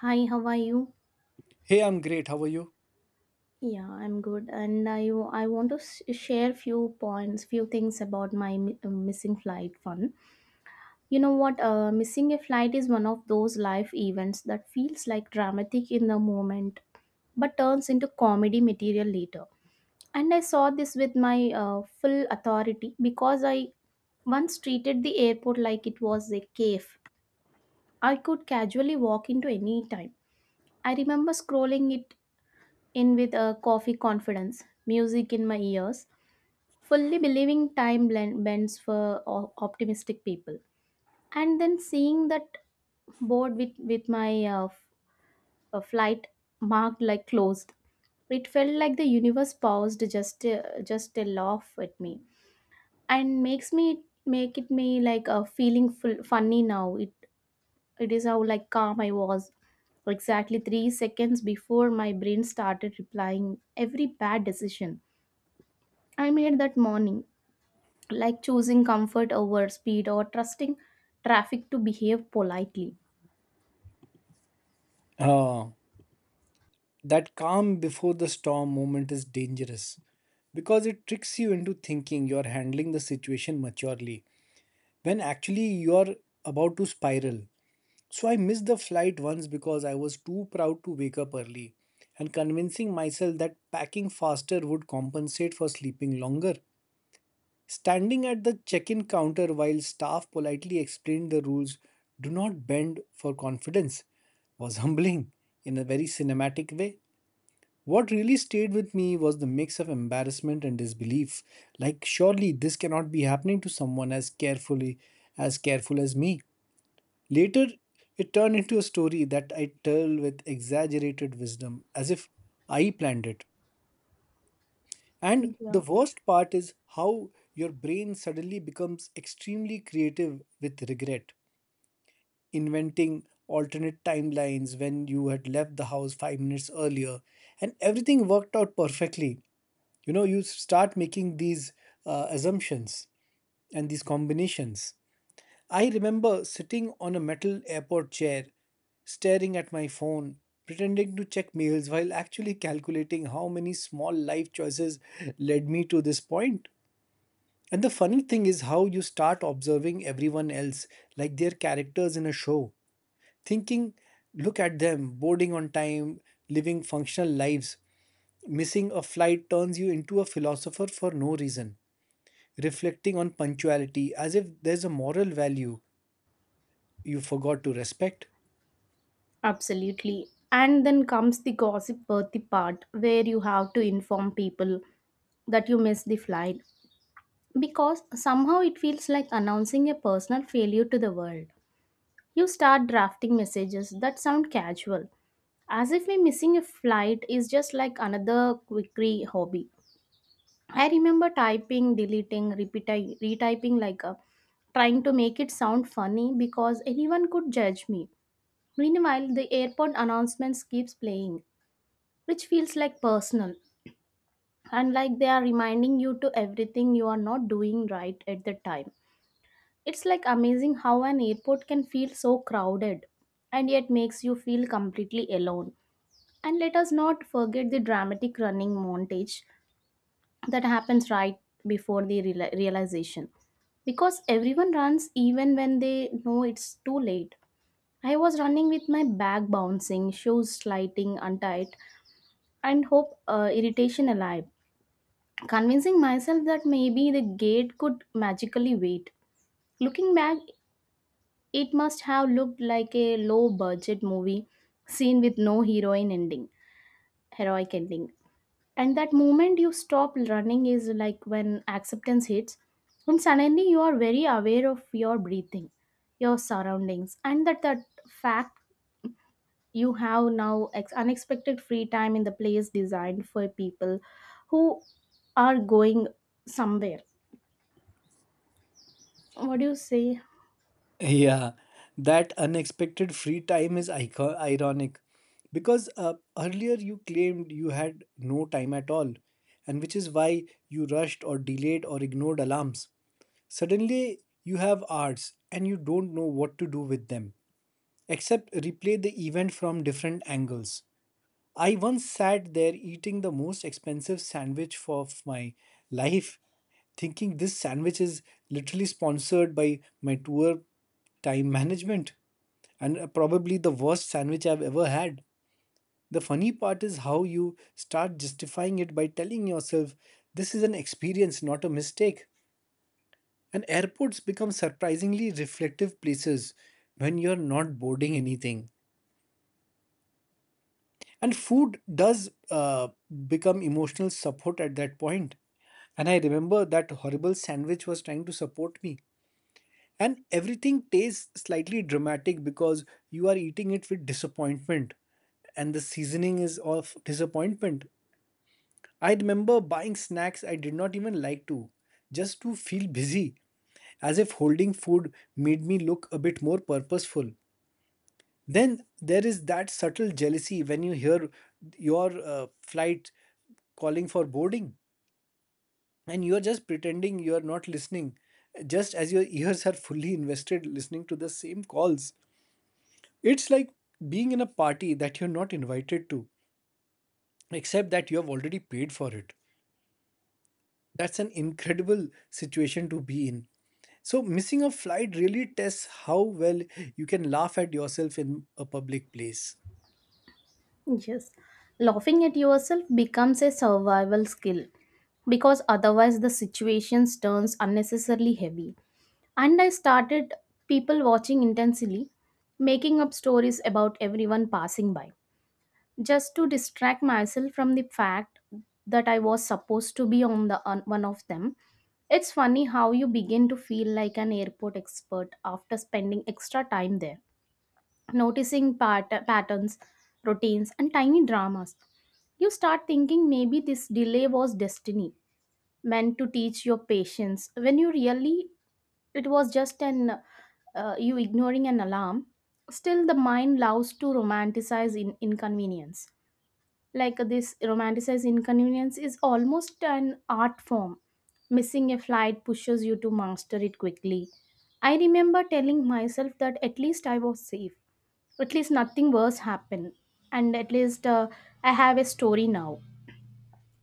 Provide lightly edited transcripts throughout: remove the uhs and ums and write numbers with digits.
Hi, how are you? Hey, I'm great. How are you? Yeah, I'm good. And I want to share few points, few things about my missing flight fun. You know what? Missing a flight is one of those life events that feels like dramatic in the moment, but turns into comedy material later. And I saw this with my full authority because I once treated the airport like it was a cave. I could casually walk into any time. I remember scrolling it in with a coffee confidence, music in my ears, fully believing bends for optimistic people. And then seeing that board with my flight marked like closed, it felt like the universe paused just a laugh at me and makes me make it me like a feeling full, funny now. It is how like calm I was exactly 3 seconds before my brain started replying every bad decision I made that morning, like choosing comfort over speed or trusting traffic to behave politely. Uh, that calm before the storm moment is dangerous because it tricks you into thinking you're handling the situation maturely when actually you're about to spiral. So I missed the flight once because I was too proud to wake up early and convincing myself that packing faster would compensate for sleeping longer. Standing at the check in counter while staff politely explained the rules, do not bend for confidence, was humbling in a very cinematic way. What really stayed with me was the mix of embarrassment and disbelief. Like, surely this cannot be happening to someone as careful as me. Later, it turned into a story that I tell with exaggerated wisdom, as if I planned it. And Yeah. the worst part is how your brain suddenly becomes extremely creative with regret, inventing alternate timelines when you had left the house 5 minutes earlier, and everything worked out perfectly. You know, you start making these assumptions and these combinations. I remember sitting on a metal airport chair, staring at my phone, pretending to check mails while actually calculating how many small life choices led me to this point. And the funny thing is how you start observing everyone else like their characters in a show, thinking, look at them, boarding on time, living functional lives. Missing a flight turns you into a philosopher for no reason, reflecting on punctuality as if there's a moral value you forgot to respect. Absolutely. And then comes the gossip worthy part where you have to inform people that you missed the flight because somehow it feels like announcing a personal failure to the world. You start drafting messages that sound casual, as if me missing a flight is just like another quickie hobby. I remember typing, deleting, repeating, retyping like a trying to make it sound funny because anyone could judge me. Meanwhile, the airport announcements keeps playing, which feels like personal and like they are reminding you to everything you are not doing right at the time. It's like amazing how an airport can feel so crowded and yet makes you feel completely alone. And let us not forget the dramatic running montage that happens right before the realization because everyone runs even when they know it's too late. I was running with my back bouncing, shoes sliding untied, and hope irritation alive, convincing myself that maybe the gate could magically wait. Looking back, it must have looked like a low budget movie scene with no heroine ending, heroic ending, and that moment you stop running is like when acceptance hits and suddenly you are very aware of your breathing, your surroundings, and that fact you have now unexpected free time in the place designed for people who are going somewhere. What do you say? Yeah, that unexpected free time is icon ironic because earlier you claimed you had no time at all, and which is why you rushed or delayed or ignored alarms. Suddenly, you have hours and you don't know what to do with them, except replay the event from different angles. I once sat there eating the most expensive of my life, thinking this sandwich is literally sponsored by my tour time management and probably the worst sandwich I've ever had. The funny part is how you start justifying it by telling yourself this is an experience, not a mistake. And airports become surprisingly reflective places when you're not boarding anything. And food does become emotional support at that point. And I remember that horrible sandwich was trying to support me, and everything tastes slightly dramatic because you are eating it with disappointment, and the seasoning is of disappointment. I remember buying snacks I did not even like to, just to feel busy, as if holding food made me look a bit more purposeful. Then there is that subtle jealousy when you hear your flight calling for boarding, and you are just pretending you are not listening, just as your ears are fully invested listening to the same calls. It's like being in a party that you're not invited to, except that you have already paid for it. That's an incredible situation to be in. So missing a flight really tests how well you can laugh at yourself in a public place. Yes, laughing at yourself becomes a survival skill because otherwise the situations turns unnecessarily heavy. And I started people watching intensely, making up stories about everyone passing by, just to distract myself from the fact that I was supposed to be on the on one of them. It's funny how you begin to feel like an airport expert after spending extra time there, noticing patterns, routines, and tiny dramas. You start thinking maybe this delay was destiny, meant to teach your patience when you really it was just an you ignoring an alarm. Still the mind loves to romanticize in inconvenience. Like this romanticized inconvenience is almost an art form. Missing a flight pushes you to master it quickly. I remember telling myself that at least I was safe, at least nothing worse happened, and at least I have a story now.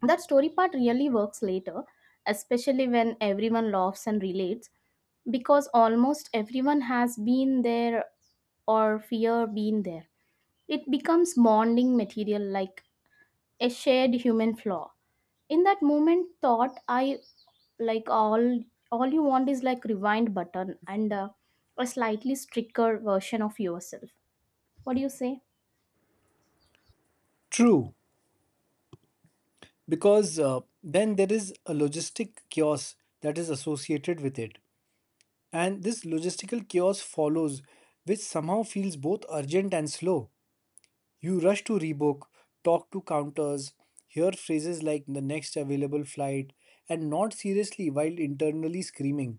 That story part really works later, especially when everyone laughs and relates, because almost everyone has been there or fear being there. It becomes bonding material like a shared human flaw. In that moment, thought I like all you want is like rewind button and a slightly stricter version of yourself. What do you say? True, because then there is a logistic chaos that is associated with it, and this logistical chaos follows, which somehow feels both urgent and slow. You rush to rebook, talk to counters, hear phrases like the next available flight and not seriously while internally screaming.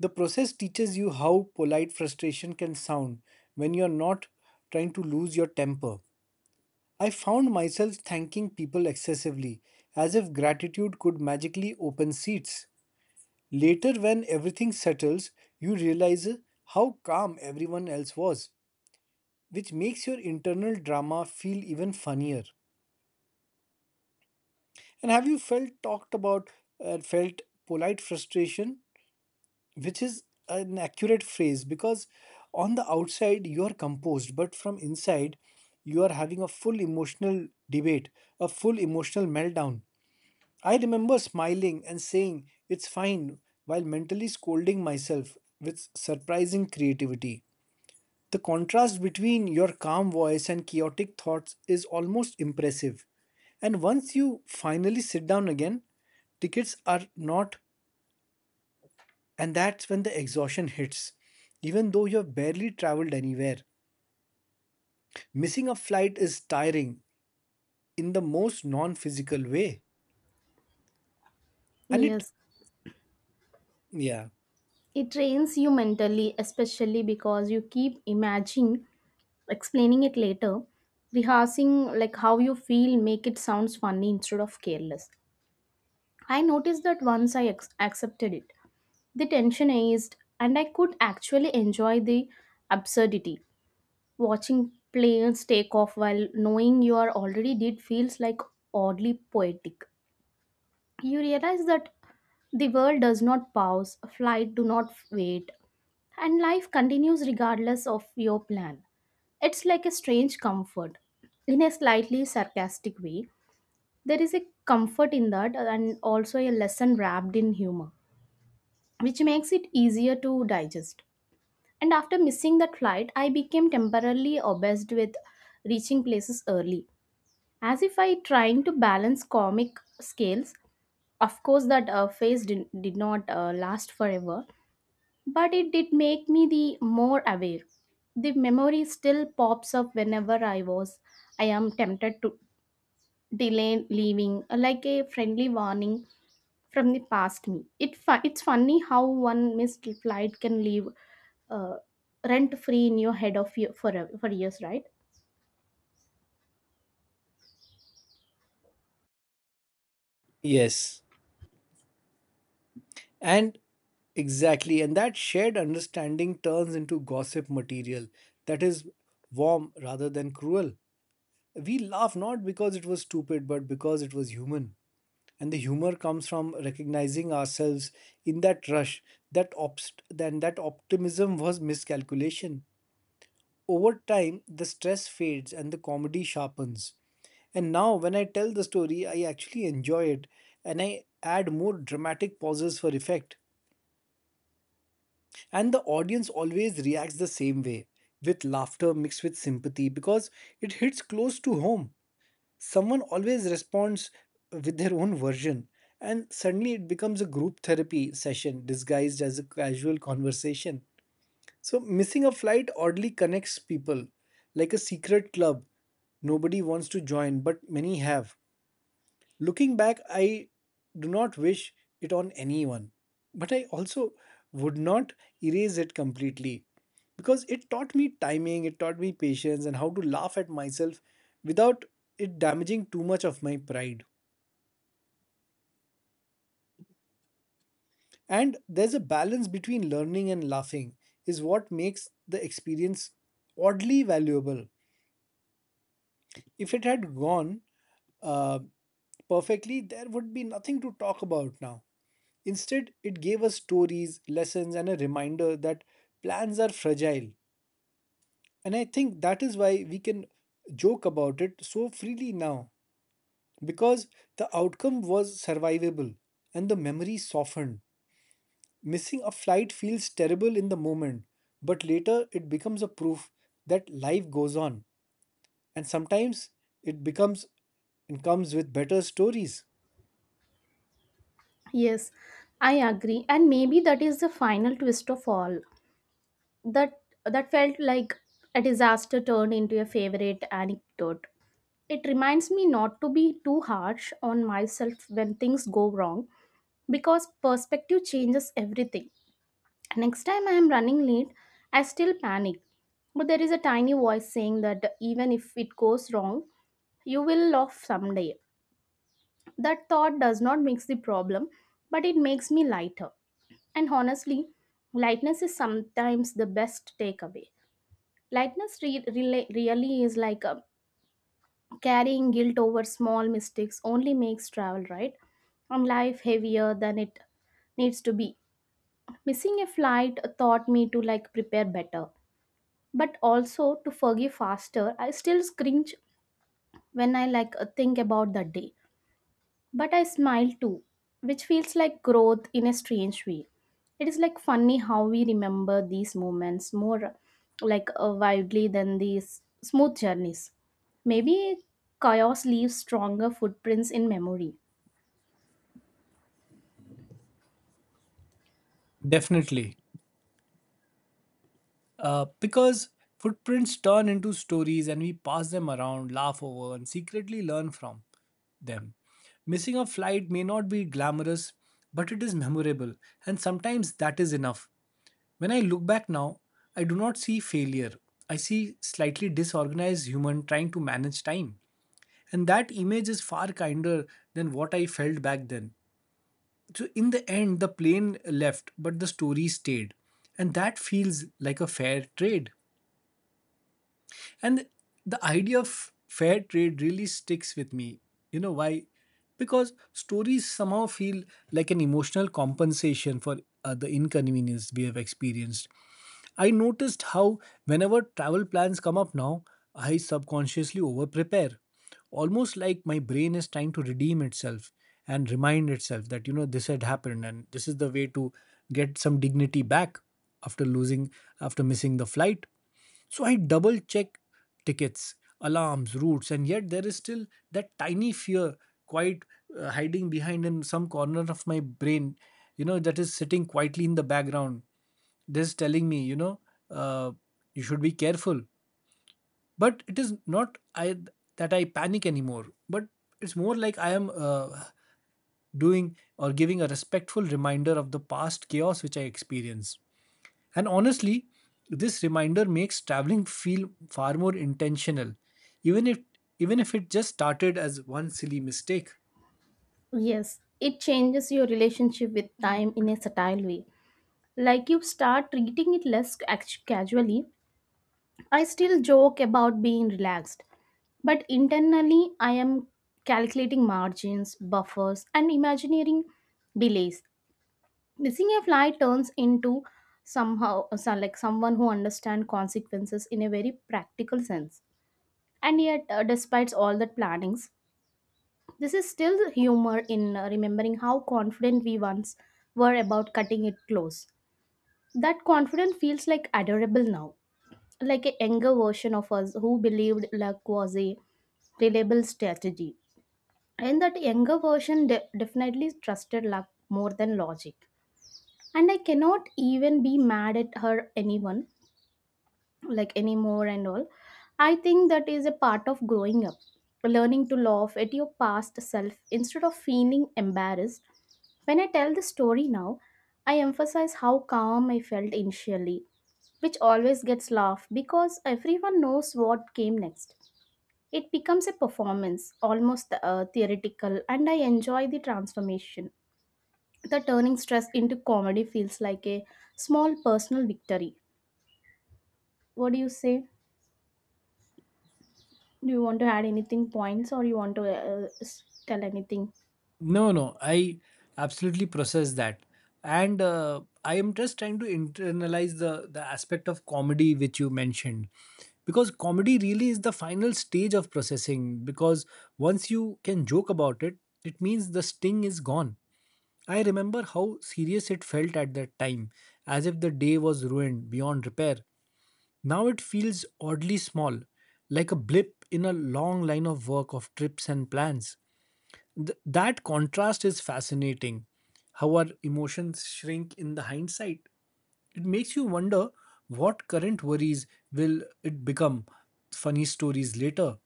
The process teaches you how polite frustration can sound when you're not trying to lose your temper. I found myself thanking people excessively, as if gratitude could magically open seats. Later, when everything settles, you realize how calm everyone else was, which makes your internal drama feel even funnier. And have you felt talked about, felt polite frustration, which is an accurate phrase because on the outside you are composed, but from inside you are having a full emotional meltdown. I remember smiling and saying, It's fine, while mentally scolding myself with surprising creativity. The contrast between your calm voice and chaotic thoughts is almost impressive. And once you finally sit down again, tickets are not, and that's when the exhaustion hits, even though you have barely traveled anywhere. Missing a flight is tiring in the most non physical way. And it, Yes, yeah, it trains you mentally, especially because you keep imagining explaining it later, rehearsing like how you feel make it sounds funny instead of careless. I noticed that once I accepted it, the tension eased and I could actually enjoy the absurdity. Watching planes take off while knowing you are already did feels like oddly poetic. You realize that the world does not pause, a flight do not wait, and life continues regardless of your plan. It's like a strange comfort. In a slightly sarcastic way, there is a comfort in that and also a lesson wrapped in humor, which makes it easier to digest. And after missing that flight, I became temporarily obsessed with reaching places early, as if I trying to balance comic scales. Of course, that phase did not last forever, but it did make me the more aware. The memory still pops up whenever I am tempted to delay leaving, like a friendly warning from the past me. It fu- it's funny how one missed flight can leave uh, rent free in your head for years, right? yes. And Exactly, and that shared understanding turns into gossip material that is warm rather than cruel. We laugh not because it was stupid, but because it was human. And the humor comes from recognizing ourselves in that rush. Then that optimism was miscalculation. Over time, the stress fades and the comedy sharpens. And now, when I tell the story, I actually enjoy it, and I add more dramatic pauses for effect. And the audience always reacts the same way, with laughter mixed with sympathy, because it hits close to home. Someone always responds with their own version, and suddenly it becomes a group therapy session disguised as a casual conversation. So, missing a flight oddly connects people like a secret club nobody wants to join, but many have. Looking back, I do not wish it on anyone, but I also would not erase it completely, because it taught me timing, it taught me patience, and how to laugh at myself without it damaging too much of my pride. And there's a balance between learning and laughing, is what makes the experience oddly valuable. If it had gone uh, perfectly, there would be nothing to talk about now. Instead, it gave us stories, lessons, and a reminder that plans are fragile. And I think that is why we can joke about it so freely now, because the outcome was survivable and the memory softened. Missing a flight feels terrible in the moment, but later it becomes a proof that life goes on. And sometimes it becomes and comes with better stories. Yes, I agree, and maybe that is the final twist of all, that that felt like a disaster turned into a favorite anecdote. It reminds me not to be too harsh on myself when things go wrong because perspective changes everything. Next time I am running late, I still panic. But there is a tiny voice saying that even if it goes wrong, you will laugh someday. That thought does not mix the problem, but it makes me lighter. And honestly, lightness is sometimes the best takeaway. Lightness really is like a carrying guilt over small mistakes only makes travel, right? And life heavier than it needs to be. Missing a flight taught me to like prepare better, but also to forgive faster. I still cringe when I like think about that day. But I smile too, which feels like growth in a strange way. It is like funny how we remember these moments more like wildly than these smooth journeys. Maybe chaos leaves stronger footprints in memory. Definitely. Because footprints turn into stories and we pass them around, laugh over, and secretly learn from them. Missing a flight may not be glamorous, but it is memorable, and sometimes that is enough. When I look back now, I do not see failure. I see slightly disorganized human trying to manage time. And that image is far kinder than what I felt back then. So, in the end, the plane left, but the story stayed. And that feels like a fair trade. And the idea of fair trade really sticks with me. You know why? Because stories somehow feel like an emotional compensation for the inconvenience we have experienced. I noticed how whenever travel plans come up now, I subconsciously over prepare. Almost like my brain is trying to redeem itself and remind itself that, you know, this had happened and this is the way to get some dignity back after losing, after missing the flight. So I double check tickets, alarms, routes, and yet there is still that tiny fear quite hiding behind in some corner of my brain, you know, that is sitting quietly in the background. This telling me, you know, uh, you should be careful. But it is not I that I panic anymore. But it's more like I am doing or giving a respectful reminder of the past chaos which I experienced. And honestly, this reminder makes traveling feel far more intentional, even if even if it just started as one silly mistake. Yes, it changes your relationship with time in a subtle way. Like you start treating it less casually. I still joke about being relaxed, but internally I am calculating margins, buffers, and imagining delays. Missing a flight turns into somehow so like someone who understands consequences in a very practical sense. And yet, despite all the plannings, this is still humor in remembering how confident we once were about cutting it close. That confidence feels like adorable now, like a younger version of us who believed luck was a reliable strategy. And that younger version definitely trusted luck more than logic. And I cannot even be mad at her anyone like anymore, and all I think that is a part of growing up, learning to laugh at your past self instead of feeling embarrassed. When I tell the story now, I emphasize how calm I felt initially, which always gets laughed because everyone knows what came next. It becomes a performance almost theoretical, and I enjoy the transformation. The turning stress into comedy feels like a small personal victory. What do you say? Do you want to add anything points or you want to tell anything? No, no, I absolutely process that, and I am just trying to internalize the aspect of comedy which you mentioned, because comedy really is the final stage of processing. Because once you can joke about it, it means the sting is gone. I remember how serious it felt at that time, as if the day was ruined beyond repair. Now it feels oddly small, like a blip in a long line of work of trips and plans. That contrast is fascinating. How our emotions shrink in the hindsight. It makes you wonder what current worries will it become funny stories later.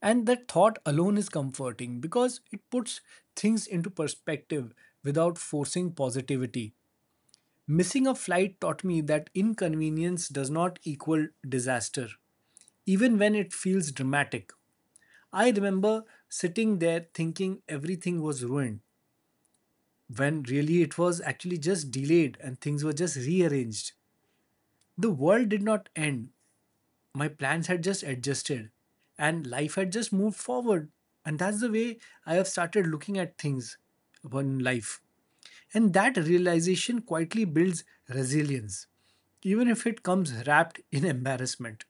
And that thought alone is comforting because it puts things into perspective without forcing positivity. Missing a flight taught me that inconvenience does not equal disaster, even when it feels dramatic. I remember sitting there thinking everything was ruined when really it was actually just delayed and things were just rearranged. The world did not end. My plans had just adjusted and life had just moved forward. And that's the way I have started looking at things upon life. And that realization quietly builds resilience, even if it comes wrapped in embarrassment.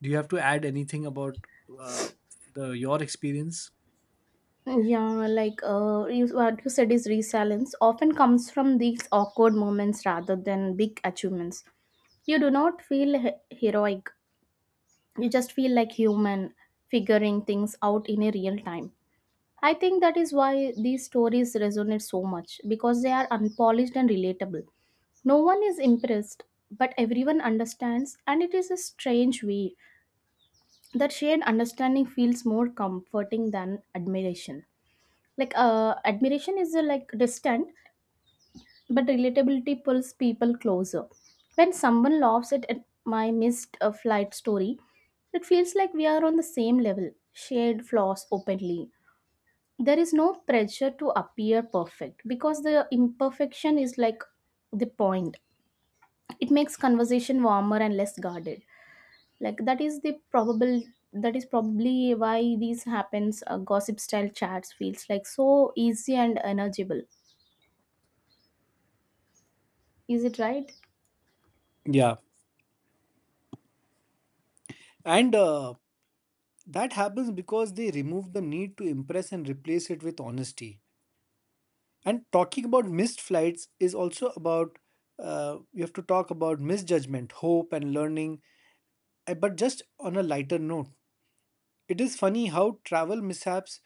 Do you have to add anything about uh, the, your experience? Yeah, like you, what you said is resilience often comes from these awkward moments rather than big achievements. You do not feel heroic, you just feel like human, figuring things out in a real time. I think that is why these stories resonate so much because they are unpolished and relatable. No one is impressed, but everyone understands, and it is a strange way that shared understanding feels more comforting than admiration. Like admiration is like distant, but relatability pulls people closer. When someone laughs at my missed flight story, it feels like we are on the same level, shared flaws openly. There is no pressure to appear perfect because the imperfection is like the point. It makes conversation warmer and less guarded, like that is the probable, that is probably why these happens gossip style chats feels like so easy and manageable. Is it right? Yeah. And that happens because they remove the need to impress and replace it with honesty. And talking about missed flights is also about you have to talk about misjudgment, hope, and learning, but just on a lighter note. It is funny how travel mishaps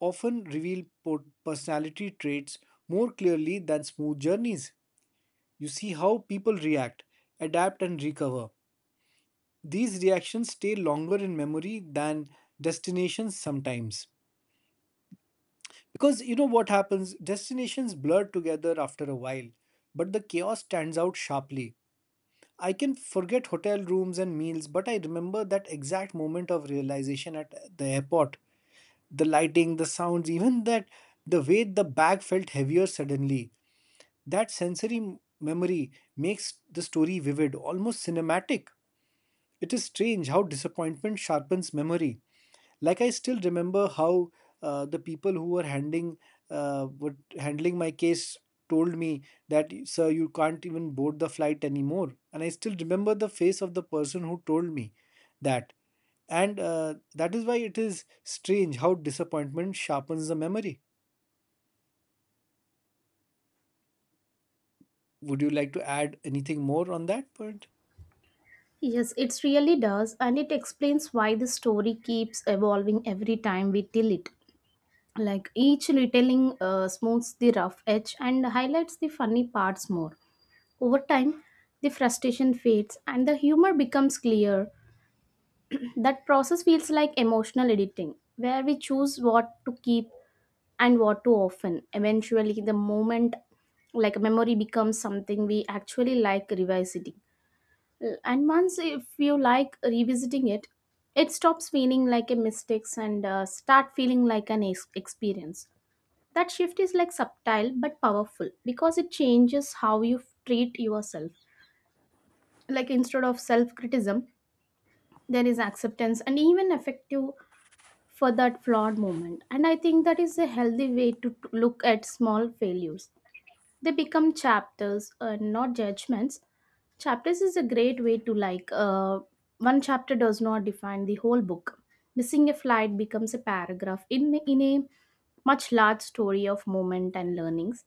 often reveal personality traits more clearly than smooth journeys. You see how people react, adapt, and recover. These reactions stay longer in memory than destinations sometimes. Because you know what happens? Destinations blur together after a while, but the chaos stands out sharply. I can forget hotel rooms and meals, but I remember that exact moment of realization at the airport. The lighting, the sounds, even that the way the bag felt heavier suddenly. That sensory memory makes the story vivid, almost cinematic. It is strange how disappointment sharpens memory. Like, I still remember how the people who were handling my case, told me that, sir, you can't even board the flight anymore. And I still remember the face of the person who told me that. And that is why it is strange how disappointment sharpens the memory. Would you like to add anything more on that point? Yes, it really does, and it explains why the story keeps evolving every time we tell it. Like each retelling smooths the rough edge and highlights the funny parts more. Over time the frustration fades and the humor becomes clear. That process feels like emotional editing where we choose what to keep and what too often. Eventually, the moment like memory becomes something we actually like revisiting. And once if you like revisiting it, it stops feeling like a mistakes and start feeling like an experience. That shift is like subtle but powerful because it changes how you treat yourself. Like instead of self-criticism, there is acceptance and even effective for that flawed moment. And I think that is a healthy way to look at small failures. They become chapters, not judgments. Chapters is a great way to like one chapter does not define the whole book. Missing a flight becomes a paragraph in a much large story of moment and learnings.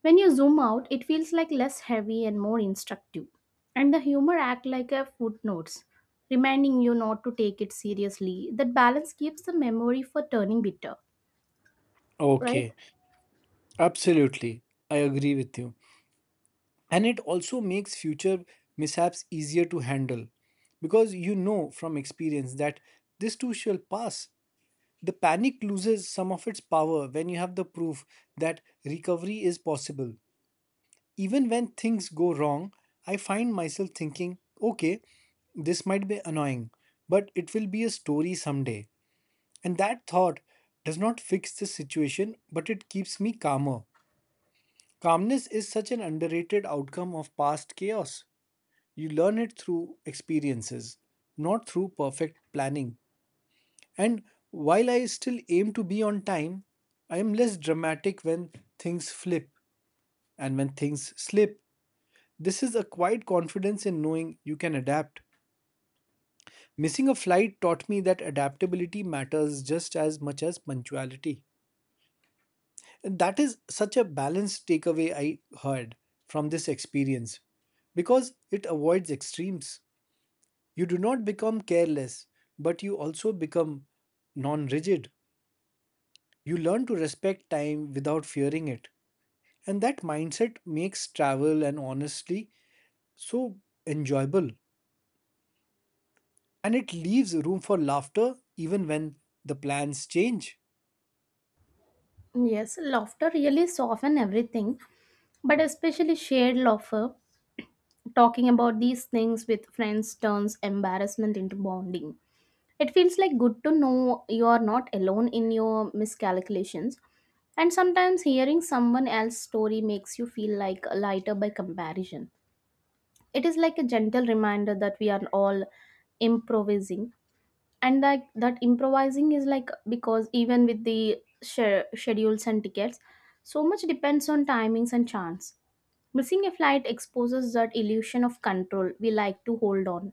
When you zoom out, it feels like less heavy and more instructive. And the humor act like a footnotes, reminding you not to take it seriously. That balance keeps the memory for turning bitter, right? Okay. Absolutely, I agree with you. And it also makes future mishaps easier to handle, because you know from experience that this too shall pass. The panic loses some of its power when you have the proof that recovery is possible even when things go wrong. I find myself thinking, okay, this might be annoying, but it will be a story someday. And that thought does not fix the situation, but it keeps me calmer. Calmness is such an underrated outcome of past chaos. You learn it through experiences, not through perfect planning. And while I still aim to be on time, I am less dramatic when things flip and when things slip. This is a quiet confidence in knowing you can adapt. Missing a flight taught me that adaptability matters just as much as punctuality. And that is such a balanced takeaway I heard from this experience, because it avoids extremes. You do not become careless, but you also become non rigid. You learn to respect time without fearing it. And that mindset makes travel, and honestly so, enjoyable. And it leaves room for laughter even when the plans change. Yes, laughter really soften everything. But especially shared laughter, talking about these things with friends turns embarrassment into bonding. It feels like good to know you are not alone in your miscalculations. And sometimes hearing someone else's story makes you feel like lighter by comparison. It is like a gentle reminder that we are all improvising, and like that improvising is like because even with the schedules and tickets, so much depends on timings and chance. Missing a flight exposes that illusion of control we like to hold on.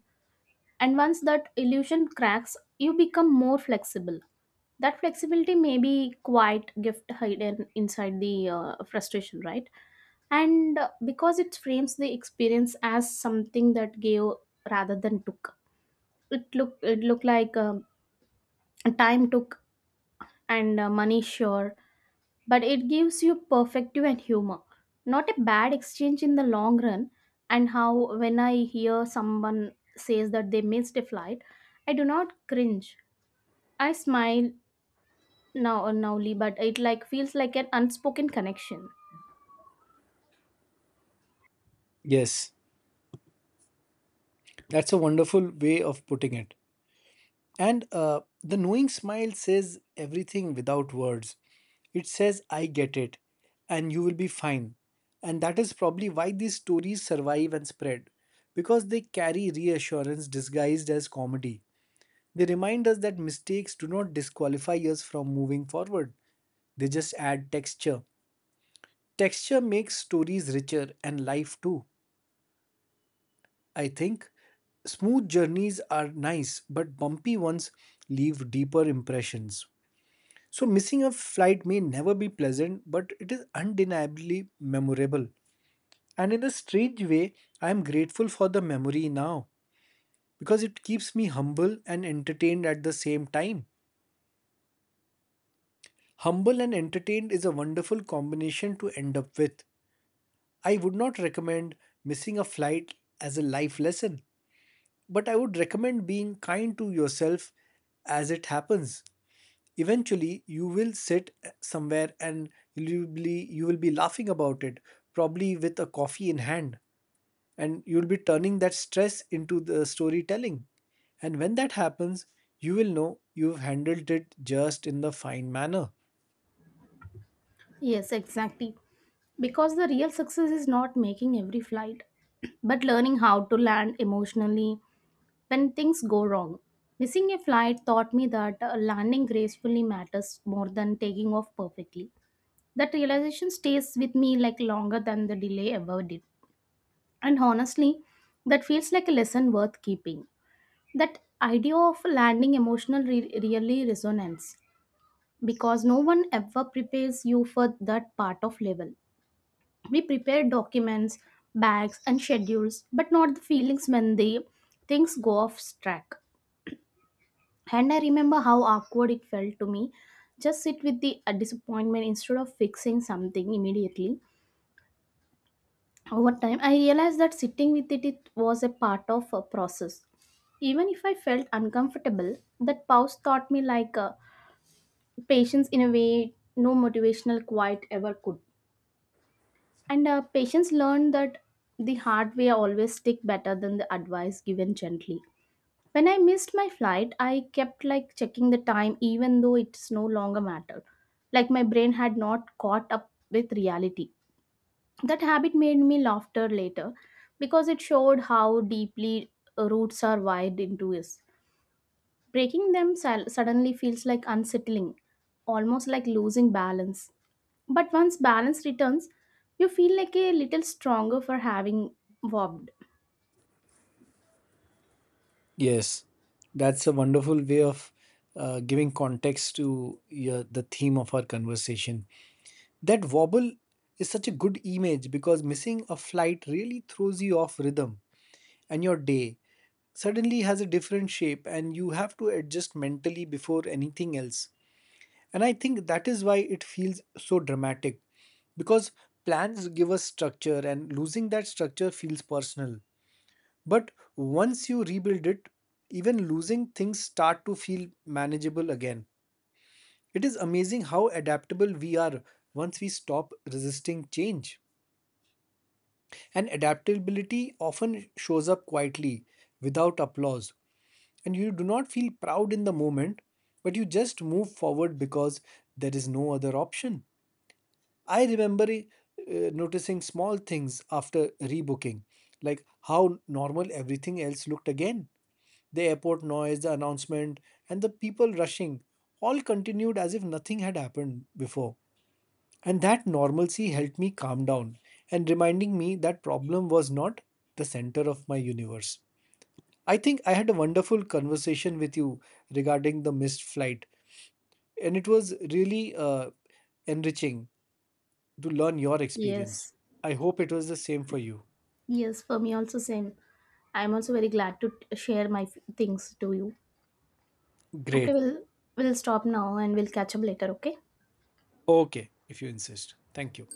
And once that illusion cracks, you become more flexible. That flexibility may be quite gift hidden inside the frustration, right? And because it frames the experience as something that gave rather than took, it look like time took and money sure, but it gives you perspective and humor, not a bad exchange in the long run. And how when I hear someone says that they missed a flight, I do not cringe, I smile now, and nowly but it like feels like an unspoken connection. Yes, that's a wonderful way of putting it. And the knowing smile says everything without words. It says, I get it, and you will be fine. And that is probably why these stories survive and spread, because they carry reassurance disguised as comedy. They remind us that mistakes do not disqualify us from moving forward, they just add texture. Texture makes stories richer and life too, I think. Smooth journeys are nice, but bumpy ones leave deeper impressions. So, missing a flight may never be pleasant, but it is undeniably memorable. And in a strange way, I am grateful for the memory now because it keeps me humble and entertained at the same time. Humble and entertained is a wonderful combination to end up with. I would not recommend missing a flight as a life lesson, but I would recommend being kind to yourself as it happens. Eventually you will sit somewhere, and you will be laughing about it, probably with a coffee in hand, and you'll be turning that stress into the storytelling. And when that happens, you will know you've handled it just in the fine manner. Yes, exactly, because the real success is not making every flight but learning how to land emotionally when things go wrong. Missing a flight taught me that landing gracefully matters more than taking off perfectly. That realization stays with me like longer than the delay ever did. And honestly, that feels like a lesson worth keeping. That idea of landing emotional really resonates because no one ever prepares you for that part of level. We prepare documents, bags, and schedules, but not the feelings when they things go off track. And I remember how awkward it felt to me. Just sit with the disappointment instead of fixing something immediately. Over time I realized that sitting with it, it was a part of a process. Even if I felt uncomfortable, that pause taught me like patience in a way no motivational quite ever could. And patience learned that the hard way always stick better than the advice given gently. When I missed my flight, I kept like checking the time even though it's no longer mattered, like my brain had not caught up with reality. That habit made me laughter later because it showed how deeply roots are wired into us. Breaking them suddenly feels like unsettling, almost like losing balance. But once balance returns, you feel like a little stronger for having wobbed. Yes, that's a wonderful way of giving context to your, the theme of our conversation. That wobble is such a good image, because missing a flight really throws you off rhythm, and your day suddenly has a different shape and you have to adjust mentally before anything else. And I think that is why it feels so dramatic, because plans give us structure and losing that structure feels personal. But once you rebuild it, even losing things start to feel manageable again. It is amazing how adaptable we are once we stop resisting change. And adaptability often shows up quietly, without applause, and you do not feel proud in the moment, but you just move forward because there is no other option. I remember noticing small things after rebooking, like how normal everything else looked again. The airport noise, the announcement, and the people rushing all continued as if nothing had happened before. And that normalcy helped me calm down and reminding me that problem was not the center of my universe. I think I had a wonderful conversation with you regarding the missed flight, and it was really enriching to learn your experience. Yes. I hope it was the same for you. Yes, for me also same. I'm also very glad to share my things to you. Okay, Great. we'll stop now and we'll catch up later, okay? Okay, if you insist. Thank you.